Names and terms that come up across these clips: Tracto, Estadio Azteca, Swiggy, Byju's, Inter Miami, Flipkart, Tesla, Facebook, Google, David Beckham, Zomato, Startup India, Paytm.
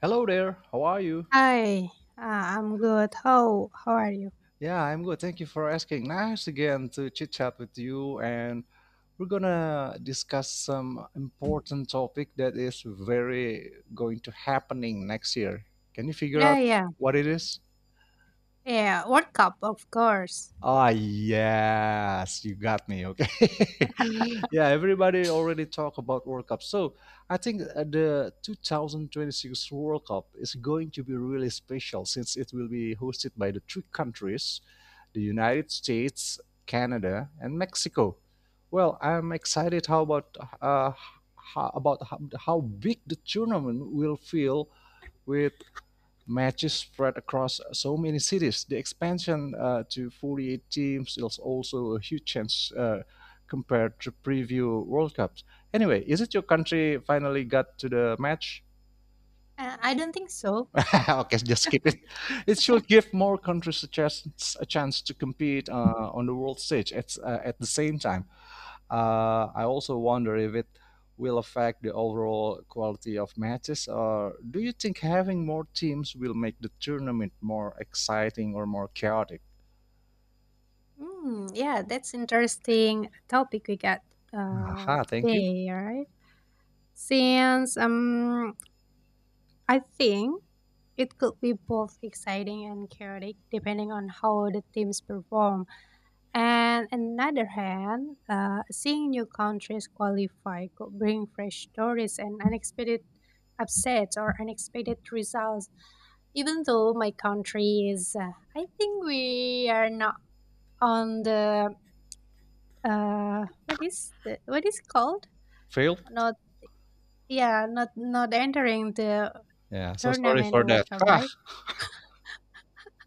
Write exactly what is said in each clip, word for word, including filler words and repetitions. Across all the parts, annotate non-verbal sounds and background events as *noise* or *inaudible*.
Hello there, how are you? Hi, uh, I'm good. How how are you? Yeah, I'm good. Thank you for asking. Nice again to chit chat with you, and we're gonna discuss some important topic that is very going to happening next year. Can you figure Yeah, out yeah, what it is? yeah. World Cup, of course. Ah, yes, you got me. Okay. *laughs* Yeah, everybody already talk about World Cup. So I think uh, the twenty twenty-six World Cup is going to be really special since it will be hosted by the three countries, the United States, Canada, and Mexico. Well, I'm excited how about uh, how, about how, how big the tournament will feel with matches spread across so many cities. The expansion uh, to forty-eight teams is also a huge change uh, compared to preview World Cups. Anyway, is it your country finally got to the match? Uh, I don't think so. *laughs* Okay, just skip it. *laughs* It should give more countries a chance, a chance to compete uh, on the world stage at, uh, at the same time. Uh, I also wonder if it will affect the overall quality of matches, or do you think having more teams will make the tournament more exciting or more chaotic? Mm, yeah, that's interesting topic we got uh, Aha, thank you. today, right? Since um, I think it could be both exciting and chaotic depending on how the teams perform. And another hand, uh, seeing new countries qualify could bring fresh stories and unexpected upsets or unexpected results. Even though my country is, uh, I think we are not on the uh, what is the, what is called? Failed? Not, yeah, not not entering the Yeah, so sorry tournament for or World that. Cup, Ah. right?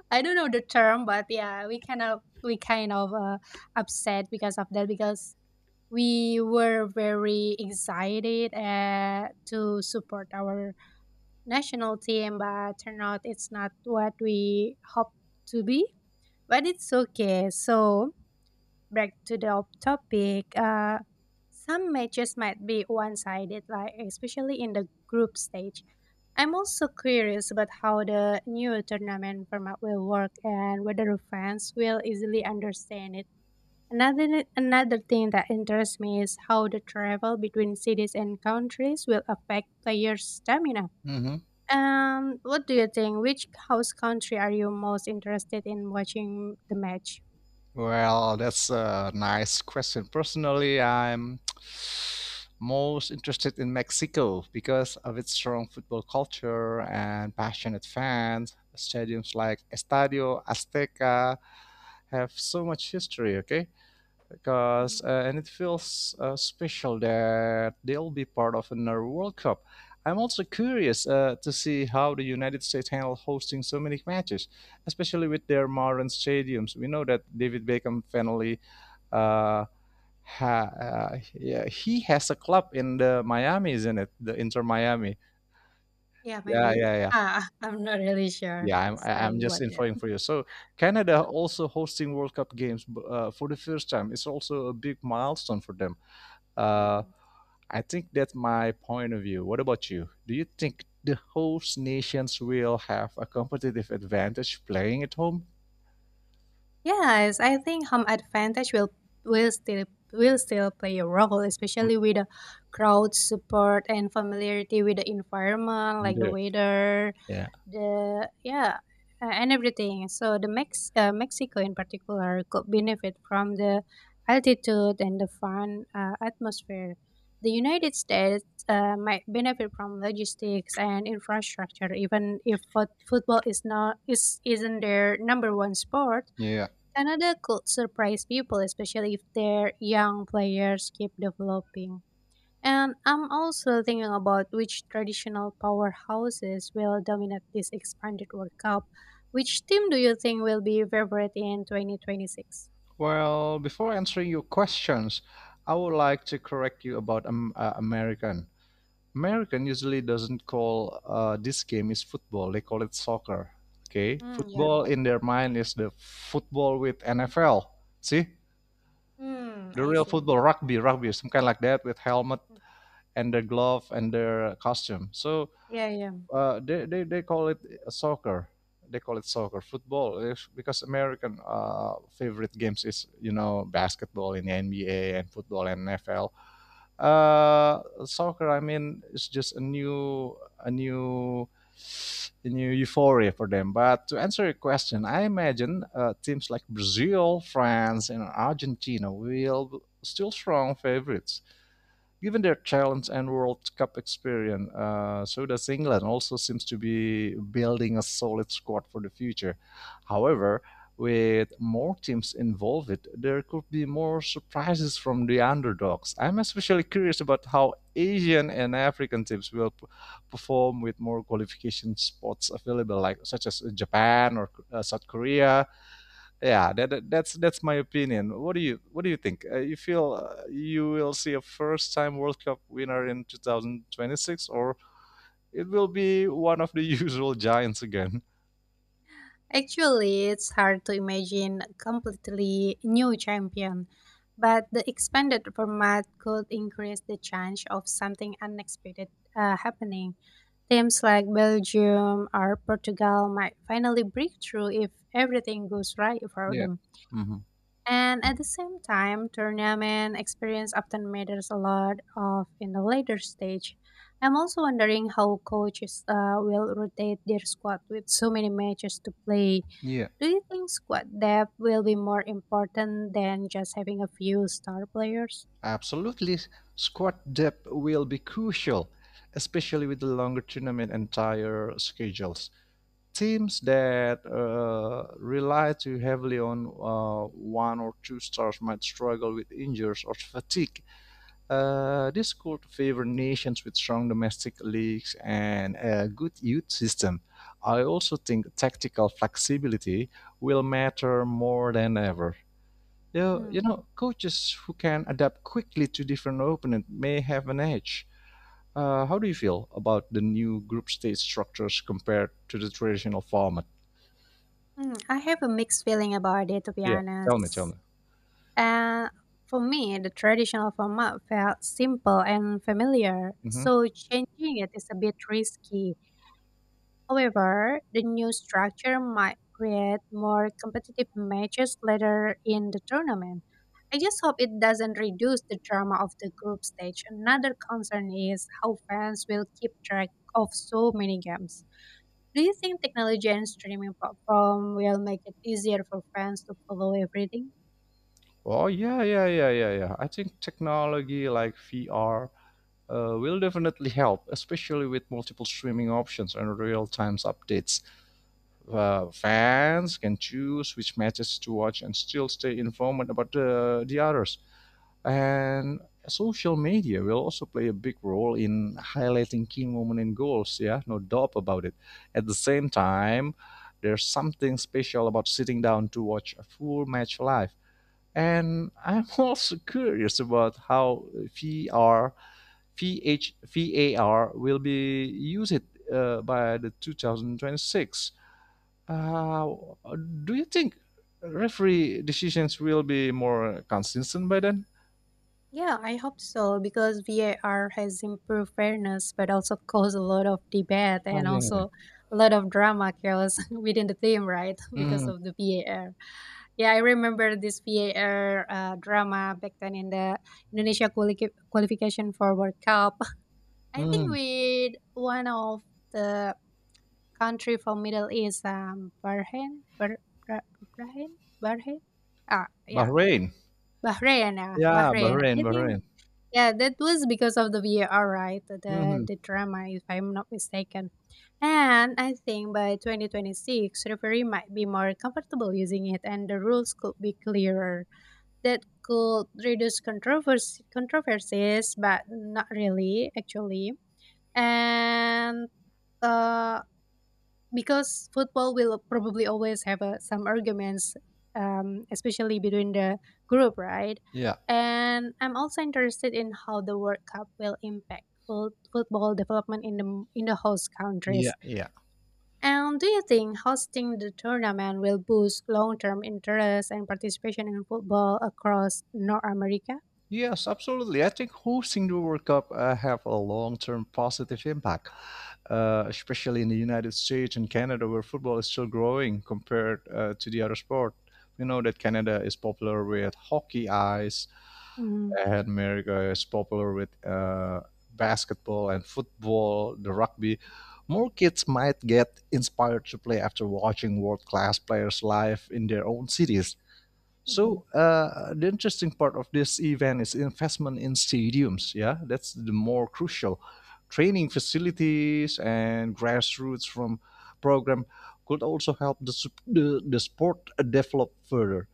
I don't know the term, but yeah, we kind of we kind of uh, upset because of that because we were very excited uh, to support our national team, but turned out it's not what we hoped to be. But it's okay. So back to the op- topic. Uh, some matches might be one-sided, like especially in the group stage. I'm also curious about how the new tournament format will work and whether fans will easily understand it. Another another thing that interests me is how the travel between cities and countries will affect players' stamina. hmm Um, what do you think? Which host country are you most interested in watching the match? Well, that's a nice question. Personally, I'm most interested in Mexico because of its strong football culture and passionate fans. Stadiums like Estadio Azteca have so much history, okay? Mhm. Because uh, and it feels uh, special that they'll be part of another World Cup. I'm also curious uh, to see how the United States handle hosting so many matches, especially with their modern stadiums. We know that David Beckham finally, uh, ha- uh, yeah, he has a club in the Miami, isn't it? The Inter Miami. Yeah, Yeah, maybe. yeah, yeah. Ah, *laughs* I'm not really sure. Yeah, I'm, I- I'm Sorry just about that. infoing for you. So Canada also hosting World Cup games b- uh, for the first time. It's also a big milestone for them. Uh, Hmm. I think that's my point of view. What about you? Do you think the host nations will have a competitive advantage playing at home? Yes, I think home advantage will will still will still play a role, especially with the crowd support and familiarity with the environment, like the Indeed. weather, Yeah. the yeah, uh, and everything. So the Mex- uh, mexico in particular could benefit from the altitude and the fun uh, atmosphere. The United States uh, might benefit from logistics and infrastructure, even if fut- football is not is isn't their number one sport. Yeah. Canada could surprise people, especially if their young players keep developing, and I'm also thinking about which traditional powerhouses will dominate this expanded World Cup. Which team do you think will be favorite in twenty twenty-six? Well, before answering your questions, I would like to correct you about um, uh, American. American usually doesn't call uh, this game is football. They call it soccer. Okay, Mm, yeah. football in their mind is the football with N F L. See, Hmm, the I real see. football, rugby, rugby, some kind like that with helmet Mm, and their glove and their costume. So yeah, yeah. uh, they, they, they call it soccer. They call it soccer, football, If- because American uh, favorite games is you know basketball in the N B A and football and N F L. Uh, soccer, I mean, it's just a new a new a new euphoria for them. But to answer your question, I imagine uh, teams like Brazil, France, and Argentina will still strong favorites given their challenge and World Cup experience. Uh, so does England also seems to be building a solid squad for the future. However, with more teams involved, there could be more surprises from the underdogs. I'm especially curious about how Asian and African teams will p- perform with more qualification spots available, like such as Japan or uh, South Korea. Yeah that, that- that's that's my opinion. What do you what do you think, uh, you feel uh, you will see a first time world cup winner in twenty twenty-six, or it will be one of the *laughs* usual giants again? Actually, it's hard to imagine a completely new champion, but the expanded format could increase the chance of something unexpected uh, happening. Teams like Belgium or Portugal might finally break through if everything goes right for Yeah them. hmm And at the same time, tournament experience often matters a lot of in the later stage. I'm also wondering how coaches uh, will rotate their squad with so many matches to play. yeah. Do you think squad depth will be more important than just having a few star players? Absolutely. Squad depth will be crucial, especially with the longer tournament and tighter schedules. Teams that uh, rely too heavily on uh, one or two stars might struggle with injuries or fatigue. Uh, this could favor nations with strong domestic leagues and a good youth system. I also think tactical flexibility will matter more than ever. You, you Hmm. know, coaches who can adapt quickly to different opponents may have an edge. Uh, how do you feel about the new group stage structures compared to the traditional format? Hmm, I have a mixed feeling about it, to be Yeah, tell me, tell me. honest. And for me, the traditional format felt simple and familiar, Mhm. so changing it is a bit risky. However, the new structure might create more competitive matches later in the tournament. I just hope it doesn't reduce the drama of the group stage. Another concern is how fans will keep track of so many games. Do you think technology and streaming platform will make it easier for fans to follow everything? Oh, yeah, yeah, yeah, yeah, yeah. I think technology like V R uh, will definitely help, especially with multiple streaming options and real-time updates. Uh, fans can choose which matches to watch and still stay informed about the the others. And social media will also play a big role in highlighting key moments and goals. Yeah, no doubt about it. At the same time, there's something special about sitting down to watch a full match live. And I'm *laughs* also curious about how V R, V H, will be used uh, by the twenty twenty-six. Uh, do you think referee decisions will be more consistent by then? Yeah, I hope so because V A R has improved fairness, but also caused a lot of debate and Oh, also a lot of drama chaos *laughs* within the team, right? *laughs* yeah. Because of the V A R. Yeah, I remember this V A R uh, drama back then in the Indonesia quali- qualification for World Cup. *laughs* I think Mhm. with one of the country from Middle East, um, Bahrain, Bah- Bah- Bahrain, Bahrain. Ah, yeah, Bahrain. Bahrain, yeah, Yeah, Bahrain. Bahrain, I think Bahrain. yeah, that was because of the V A R, right? The Mhm. the drama, if I'm not mistaken. And I think by twenty twenty-six, referee might be more comfortable using it, and the rules could be clearer. That could reduce controversy controversies, but not really, actually. And uh, because football will probably always have uh, some arguments, um, especially between the group, right? Yeah, And I'm also interested in how the World Cup will impact fut- football development in the in the host yeah, countries. yeah. And do you think hosting the tournament will boost long-term interest and participation in football across North America? Yes, absolutely. I think hosting the World Cup uh, have a long-term positive impact, uh, especially in the United States and Canada, where football is still growing compared uh, to the other sport. We know that Canada is popular with hockey, ice, Mhm. that America is popular with uh, basketball and football, the rugby, more kids might get inspired to play after watching world class players live in their own cities. Mhm. So uh, the interesting part of this event is investment in stadiums. Yeah, that's the more crucial. Training facilities and grassroots from program could also help the, sup- the, the sport develop further.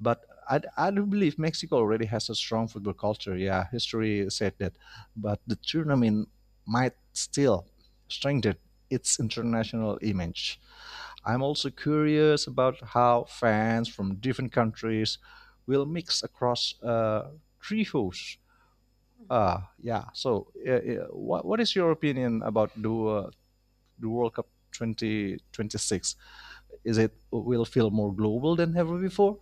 But I, I do believe Mexico already has a strong football culture. Yeah, history said that. But the tournament might still strengthen its international image. I'm also curious about how fans from different countries will mix across uh, three hosts. Uh, yeah, so uh, uh, what, what is your opinion about the, uh, the World Cup twenty twenty-six? Is it will feel more global than ever before?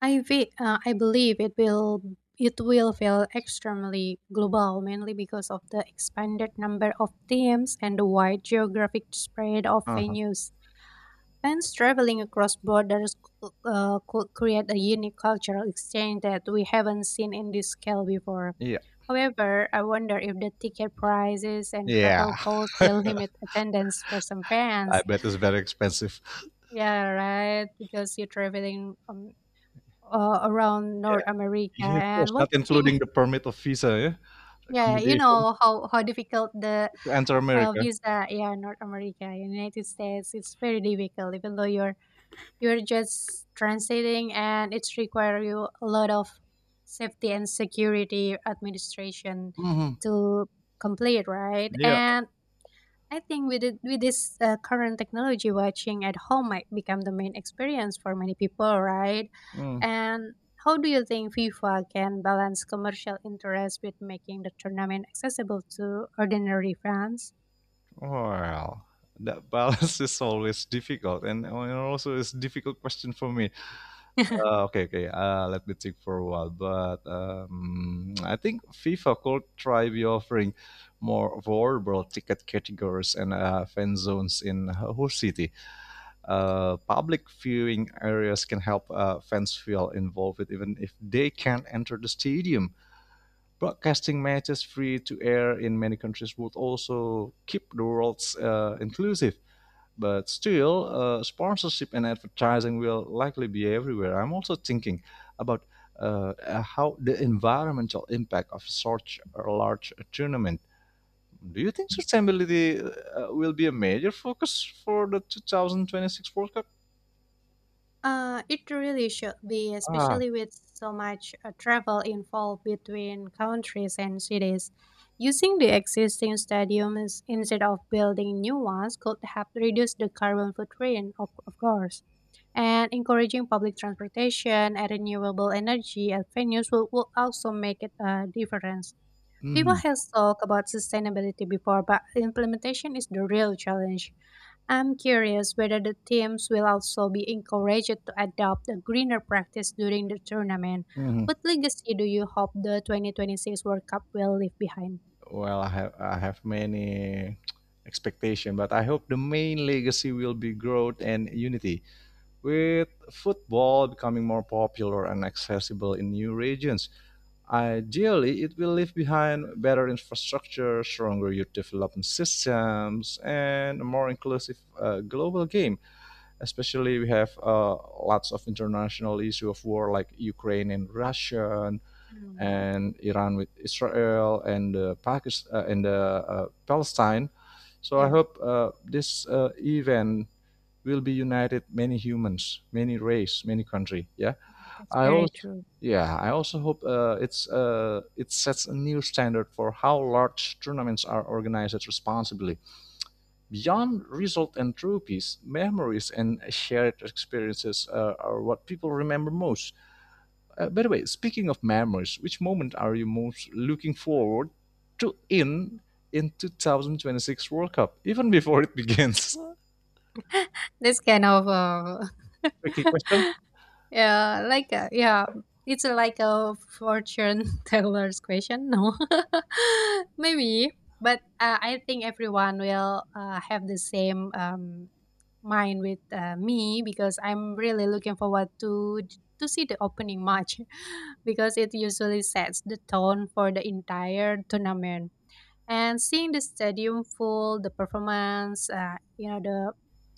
I ve- uh, I believe it will, it will feel extremely global mainly because of the expanded number of teams and the wide geographic spread of Uh-huh. venues. Fans traveling across borders c- uh, could create a unique cultural exchange that we haven't seen in this scale before. Yeah. However, I wonder if the ticket prices and Yeah. travel costs will limit attendance for some I fans. bet it's very expensive. Yeah, right. Because you're traveling um, uh, around North Yeah. America Yeah, of course, and not watching. including the *laughs* permit of visa, yeah? Yeah, you Accommodation know how how difficult the to enter uh, America. visa. Yeah, North America, United States, it's very difficult, even though you're you're just transiting, and it's require you a lot of safety and security administration Hmm to complete, right? Yeah. And I think with it, with this uh, current technology, watching at home might become the main experience for many people, right? Mm. And how do you think FIFA can balance commercial interest with making the tournament accessible to ordinary fans? Well, that balance *laughs* is always difficult, and, and also it's difficult question for me. *laughs* Uh, okay, okay. Uh, let me think for a while. But um, I think FIFA could try be offering more variable ticket categories and uh, fan zones in a whole city. Uh, public viewing areas can help uh, fans feel involved even if they can't enter the stadium. Broadcasting matches free to air in many countries would also keep the worlds uh, inclusive. But still, uh, sponsorship and advertising will likely be everywhere. I'm also thinking about uh, uh, how the environmental impact of such a large tournament. Do you think sustainability uh, uh, will be a major focus for the twenty twenty-six World Cup? Uh, it really should be, Ah, especially with so much uh, travel involved between countries and cities. Using the existing stadiums instead of building new ones could help reduce the carbon footprint, of, of course. And encouraging public transportation and renewable energy at venues will, will also make it a difference. People mhm, have talked about sustainability before, but implementation is the real challenge. I'm curious whether the teams will also be encouraged to adopt a greener practice during the tournament. mhm. What legacy do you hope the twenty twenty-six World Cup will leave behind? Well, I have I have many expectation, but I hope the main legacy will be growth and unity. With football becoming more popular and accessible in new regions, ideally, it will leave behind better infrastructure, stronger youth development systems, and a more inclusive uh, global game. Especially, we have uh, lots of international issue of war like Ukraine and Russia, Mm, and Iran with Israel, and uh, Pakistan uh, and uh, uh, Palestine. So I yeah, hope uh, this uh, event will be united many humans, many race, many country. Yeah. that's I very also true. yeah, I also hope uh, it's uh, it sets a new standard for how large tournaments are organized responsibly. Beyond result and trophies, memories and shared experiences uh, are what people remember most. Uh, by the way, speaking of memories, which moment are you most looking forward to in in twenty twenty-six World Cup, even before it begins? *laughs* This kind of uh, Tricky *laughs* question. Yeah, like a, yeah, it's like a fortune *laughs* teller's question. No, *laughs* maybe, but uh, I think everyone will uh, have the same um, mind with uh, me, because I'm really looking forward to to see the opening match *laughs* because it usually sets the tone for the entire tournament, and seeing the stadium full, the performance, uh, you know the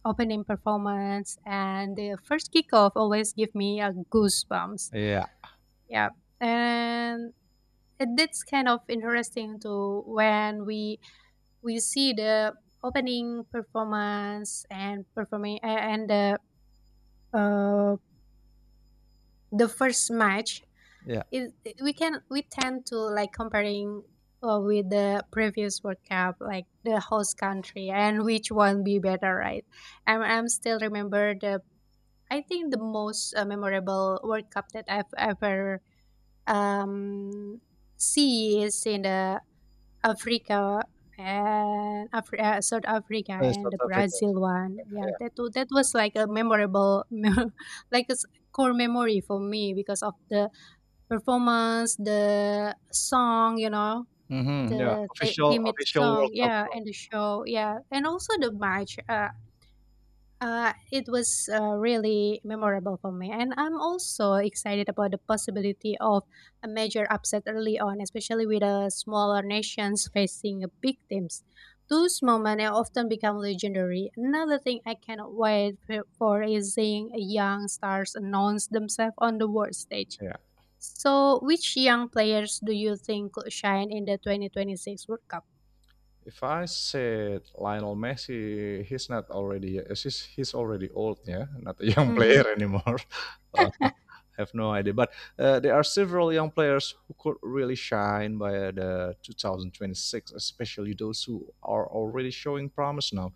opening performance and the first kickoff, always give me a goosebumps, Yeah, yeah. And it, that's kind of interesting too when we we see the opening performance and performing a- and the uh, the first match. yeah. It, it- we can we tend to like comparing uh, with the previous World Cup, like the host country and which one be better, right? I'm I'm still remember the, I think the most uh, memorable World Cup that I've ever um see is in the Africa and Afri- uh, South Africa Uh, and South the Africa. Brazil one. Yeah, Yeah. that wa- that was like a memorable, *laughs* like a s- core memory for me because of the performance, the song, you know, hmm yeah, the the official theme official song, World Cup, yeah, so. and the show, yeah, and also the match. Uh, uh, it was uh, really memorable for me, and I'm also excited about the possibility of a major upset early on, especially with the smaller nations facing a big teams. Those moments often become legendary. Another thing I cannot wait for for is seeing young stars announce themselves on the world stage. Yeah. So, which young players do you think could shine in the twenty twenty-six World Cup? If I said Lionel Messi, he's not already he's he's already old, yeah, not a young *laughs* Hmm. player anymore. *laughs* Uh, I *laughs* have no idea, but uh, there are several young players who could really shine by the twenty twenty-six, especially those who are already showing promise now.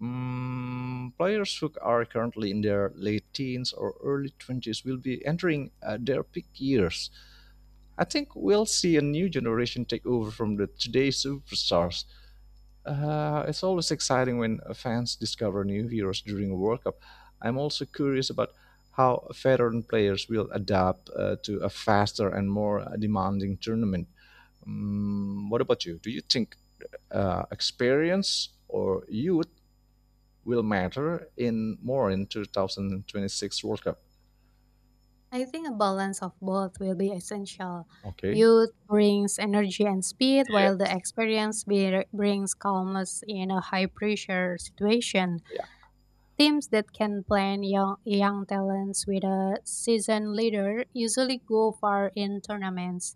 Mm, players who are currently in their late teens or early twenties will be entering uh, their peak years. I think we'll see a new generation take over from the today's superstars. Uh, it's always exciting when uh, fans discover new heroes during a World Cup. I'm also curious about how veteran players will adapt uh, to a faster and more uh, demanding tournament. Mm, what about you? Do you think uh, experience or youth will matter in more in twenty twenty-six World Cup? I think a balance of both will be essential. Okay. Youth brings energy and speed, while the Yes. experience be- brings calmness in a high pressure situation. Yeah. Teams that can plan young, young talents with a seasoned leader usually go far in tournaments.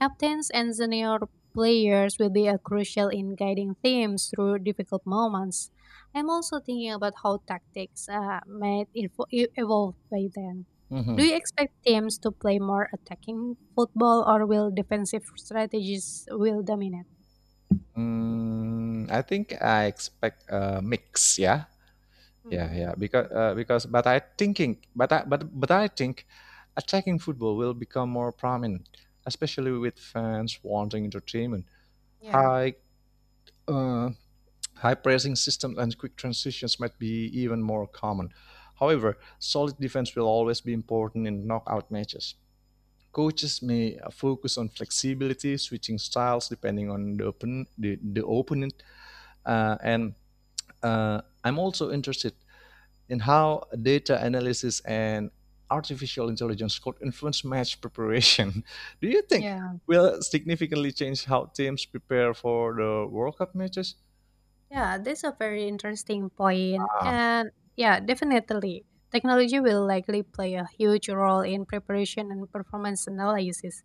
Captains and senior players will be a crucial in guiding teams through difficult moments. I'm also thinking about how tactics uh, might info- e- evolve by then. Do Mhm. you expect teams to play more attacking football or will defensive strategies will dominate? Mm, I think I expect a mix. Yeah. Yeah. Hmm. Yeah. Because uh, because but I thinking but I, but but I think attacking football will become more prominent, especially with fans wanting entertainment. Yeah. High uh, high pressing systems and quick transitions might be even more common. However, solid defense will always be important in knockout matches. Coaches may focus on flexibility, switching styles depending on the open, the, the opponent. Uh, and uh, I'm also interested in how data analysis and artificial intelligence could influence match preparation. *laughs* Do you think Yeah. will significantly change how teams prepare for the World Cup matches? Yeah, that's a very interesting point. Ah, And yeah, definitely. Technology will likely play a huge role in preparation and performance analysis.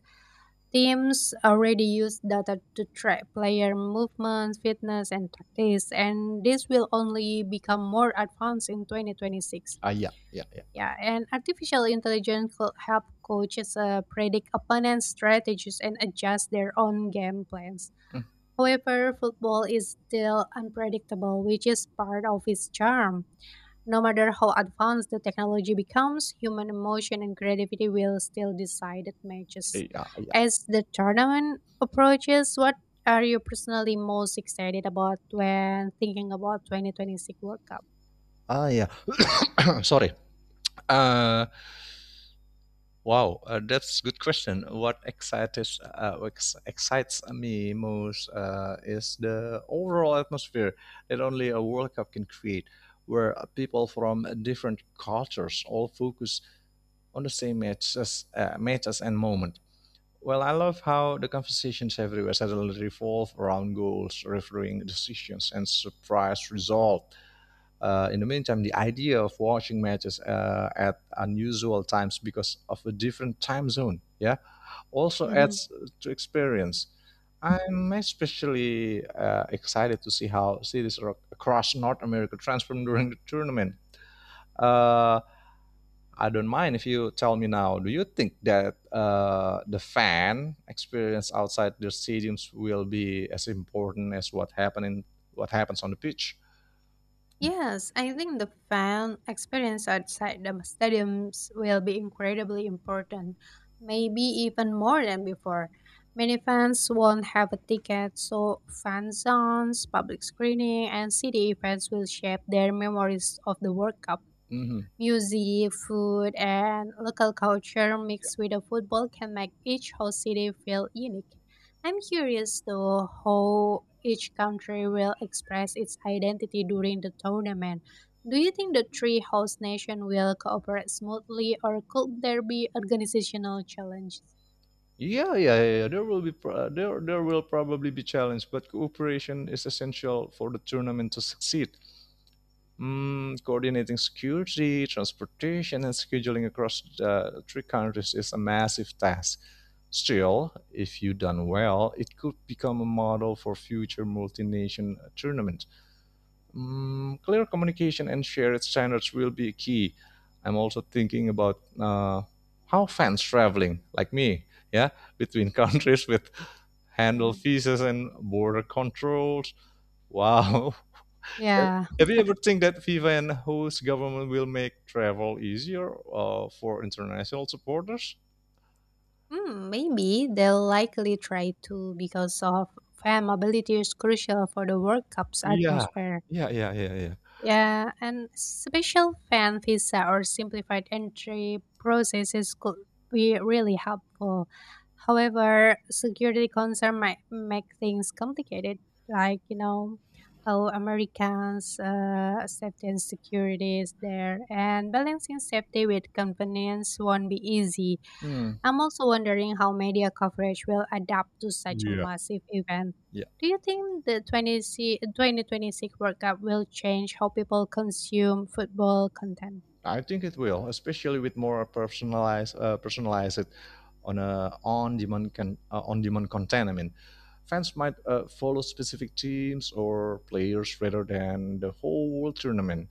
Teams already use data to track player movements, fitness, and tactics, and this will only become more advanced in twenty twenty-six. ah yeah, yeah, yeah. Yeah, and artificial intelligence will help coaches uh, predict opponents' strategies and adjust their own game plans. Mm, However, football is still unpredictable, which is part of its charm. No matter how advanced the technology becomes, human emotion and creativity will still decide the matches. yeah, yeah. As the tournament approaches, what are you personally most excited about when thinking about twenty twenty-six World Cup? Ah, yeah. *coughs* Sorry. Uh, Wow, uh, that's good question. What excites uh, what ex- excites me most uh, is the overall atmosphere that only a World Cup can create, where uh, people from different cultures all focus on the same matches, uh, matches and moment. Well, I love how the conversations everywhere suddenly revolve around goals, refereeing decisions, and surprise results. Uh, in the meantime, the idea of watching matches uh, at unusual times because of a different time zone, yeah, also *laughs* adds to experience. I'm especially uh, excited to see how cities ro- across North America transform during the tournament. Uh, I don't mind if you tell me now. Do you think that uh, the fan experience outside the stadiums will be as important as what happen in, what happens on the pitch? Yes, I think the fan experience outside the stadiums will be incredibly important, maybe even more than before. Many fans won't have a ticket, so fan zones, public screening, and city events will shape their memories of the World Cup. Mhm. Music, food, and local culture mixed with the football can make each host city feel unique. I'm curious though how each country will express its identity during the tournament. Do you think the three host nations will cooperate smoothly, or could there be organizational challenges? Yeah, yeah, yeah. yeah. There will be pro- there there will probably be challenge, but cooperation is essential for the tournament to succeed. Mm, coordinating security, transportation, and scheduling across the three countries is a massive task. Still, if you done well, it could become a model for future multi-nation tournament. Mm, clear communication and shared standards will be key. I'm also thinking about uh, how fans traveling, like me, yeah, between *laughs* countries with handle Mhm. visas and border controls. Wow. *laughs* Yeah. Have you ever think that FIFA and host government will make travel easier uh, for international supporters? Hmm, maybe they'll likely try to, because of fan mobility is crucial for the World Cup's Yeah, atmosphere. yeah, yeah, yeah, yeah. Yeah, and special fan visa or simplified entry processes could be really helpful. However, security concern might make things complicated, like you know how Americans' uh, safety and security is there, and balancing safety with convenience won't be easy. Hmm. I'm also wondering how media coverage will adapt to such a Yeah. massive event. Yeah. Do you think the 20 C- twenty twenty-six World Cup will change how people consume football content? I think it will, especially with more personalized, uh, personalized on a on-demand con uh, on-demand content. I mean, fans might uh, follow specific teams or players rather than the whole tournament.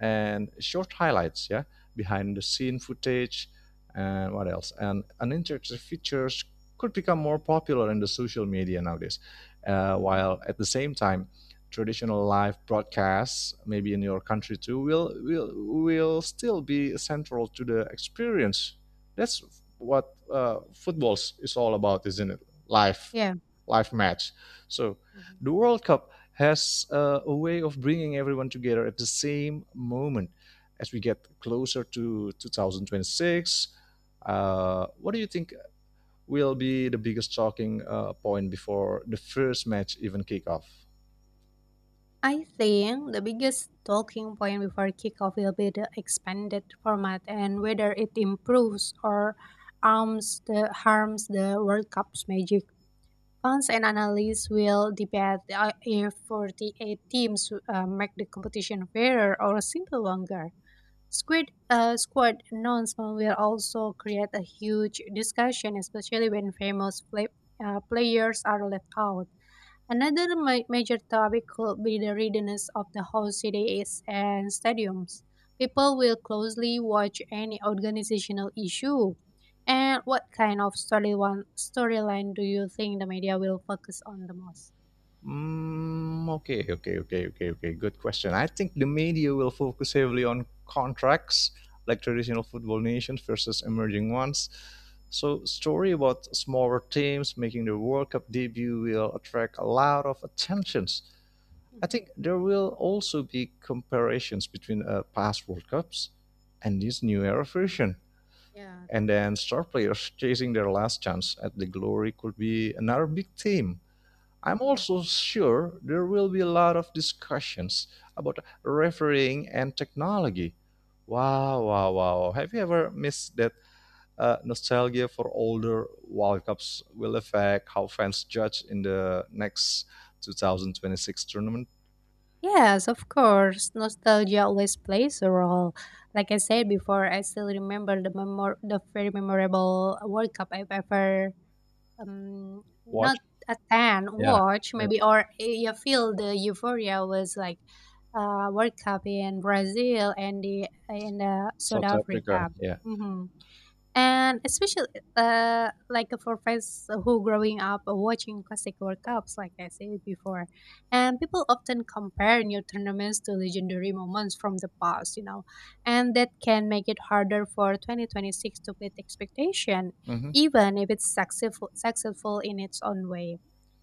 And short highlights, yeah, behind the scene footage, and what else? And and interactive features could become more popular in the social media nowadays. Uh, hmm. While at the same time, traditional live broadcasts, maybe in your country too, will will will still be central to the experience. That's what uh, football is all about, isn't it? Live, Yeah. live match. So Hmm. the World Cup has uh, a way of bringing everyone together at the same moment. As we get closer to twenty twenty-six, uh, what do you think will be the biggest talking uh, point before the first match even kick off. I think the biggest talking point before kickoff will be the expanded format and whether it improves or arms the harms the World Cup's magic. Fans and analysts will debate the uh, if forty-eight teams uh, make the competition fairer or simple longer. Squid uh, Squad announcement will also create a huge discussion, especially when famous play, uh, players are left out. Another ma- major topic could be the readiness of the whole cities and stadiums. People will closely watch any organizational issue. And what kind of storyline storyline do you think the media will focus on the most? Mm, okay, okay, okay, okay, okay. Good question. I think the media will focus heavily on contracts, like traditional football nations versus emerging ones. So, story about smaller teams making their World Cup debut will attract a lot of attentions. I Mhm. think there will also be comparisons between uh, past World Cups and this new era version. Yeah. And then star players chasing their last chance at the glory could be another big theme. I'm Mhm. also sure there will be a lot of discussions about refereeing and technology. Wow, wow, wow. Have you ever missed that uh, nostalgia for older World Cups will affect how fans judge in the next two thousand twenty-six tournament? Yes, of course. Nostalgia always plays a role. Like I said before, I still remember the memor- the very memorable World Cup I've ever, um not Watch? a tan Yeah, watch maybe, or you feel the euphoria was like, uh World Cup in Brazil and the in uh, South South Africa. Africa. Yeah. Mhm. And especially, uh, like for fans who growing up watching classic World Cups, like I said before, and people often compare new tournaments to legendary moments from the past, you know, and that can make it harder for twenty twenty-six to meet expectation, Mm-hmm. even if it's successful successful in its own way.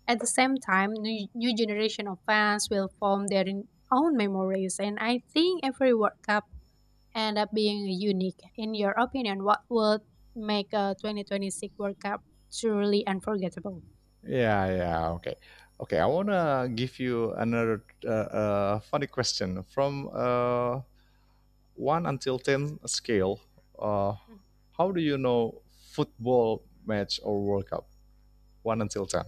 At the same time, new, new generation of fans will form their own memories, and I think every World Cup end up being unique. In your opinion, what would make a twenty twenty-six World Cup truly unforgettable? Yeah, yeah. Okay. Okay. I want to give you another uh, uh, funny question from uh, one until ten scale. Uh, how do you know football match or World Cup? one until ten.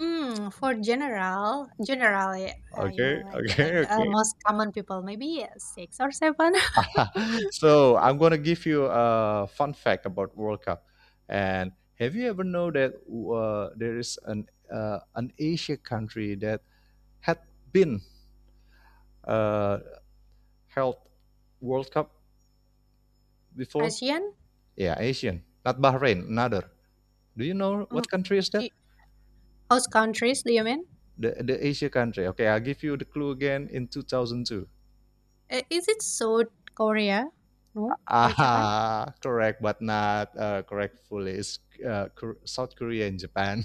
Mm, for general, generally, uh, you know, Okay, like like okay, uh, okay. most common people, maybe uh, six or seven. *laughs* *laughs* So I'm gonna give you a fun fact about World Cup. And have you ever know that uh, there is an uh, an Asia country that had been uh, held World Cup before? ASEAN, Yeah, Asian, not Bahrain, another. Do you know what um, country is that? do- host countries. Do you mean? The the Asia country. Okay, I'll give you the clue again in two thousand two. Uh, Is it South Korea? No, or Japan? Ah, *laughs* correct, but not uh, correct fully. It's uh, Kor- South Korea and Japan.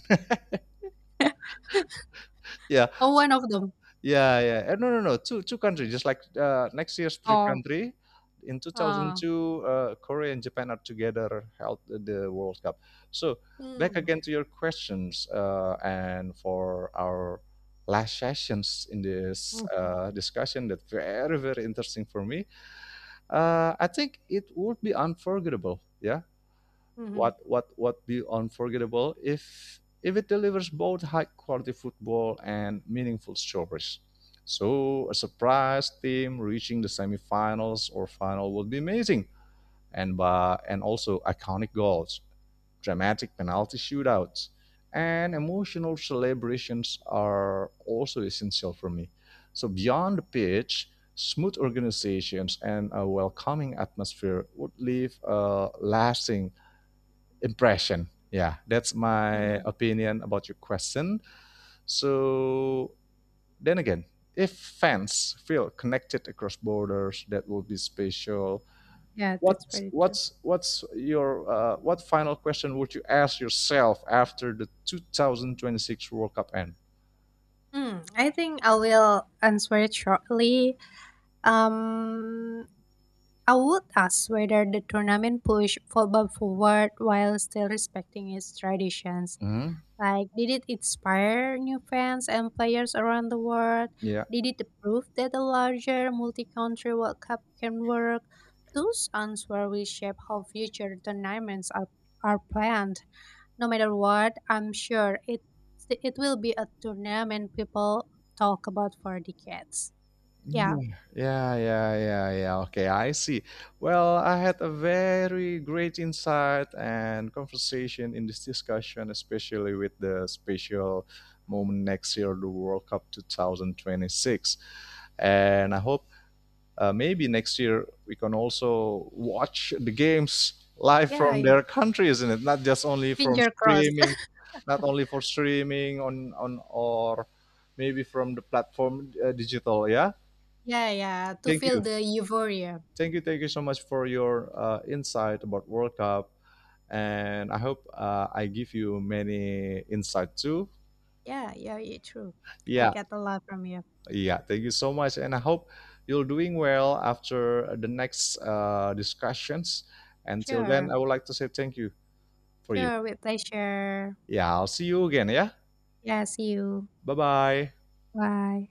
*laughs* *laughs* Yeah. Oh, one of them. Yeah, yeah. Eh, no, no, no. Two two countries. Just like uh, next year's three Oh, country. In uh, two thousand two, uh, Korea and Japan are together held the World Cup. So back mm, again to your questions uh, and for our last sessions in this mm, uh, discussion that very very interesting for me. Uh, I think it would be unforgettable. Yeah, mm-hmm, what what what be unforgettable if if it delivers both high quality football and meaningful stories. So a surprise team reaching the semifinals or final would be amazing, and by, and also iconic goals, dramatic penalty shootouts, and emotional celebrations are also essential for me. So beyond the pitch, smooth organizations and a welcoming atmosphere would leave a lasting impression. Yeah, that's my mm-hmm. opinion about your question. So then again, if fans feel connected across borders, that will be special. Yeah, that's What very true. what's what's your uh, what final question would you ask yourself after the two thousand twenty-six World Cup end? Hmm. I think I will answer it shortly. Um, I would ask whether the tournament pushed football forward while still respecting its traditions. Hmm. Like, did it inspire new fans and players around the world? Yeah. Did it prove that a larger multi-country World Cup can work? Those answers will shape how future tournaments are, are planned. No matter what, I'm sure it it will be a tournament people talk about for decades. Yeah, Yeah, yeah, yeah, yeah, yeah. Okay, I see. Well, I had a very great insight and conversation in this discussion, especially with the special moment next year, the World Cup twenty twenty-six. And I hope uh, maybe next year we can also watch the games live yeah, from yeah. their country, isn't it? Not just only from Finger crossed. streaming, *laughs* not only for streaming on on or maybe from the platform uh, digital. Yeah. Yeah, yeah. To Thank feel you. the euphoria. Thank you, thank you so much for your uh, insight about World Cup, and I hope uh, I give you many insight too. Yeah, yeah, yeah. True. I Yeah, get a lot from you. yeah. Thank you so much, and I hope you're doing well after the next uh, discussions. Until then, Sure, I would like to say thank you for you. sure. With pleasure. Yeah, I'll see you again. Yeah, Yeah. See you. bye bye. Bye.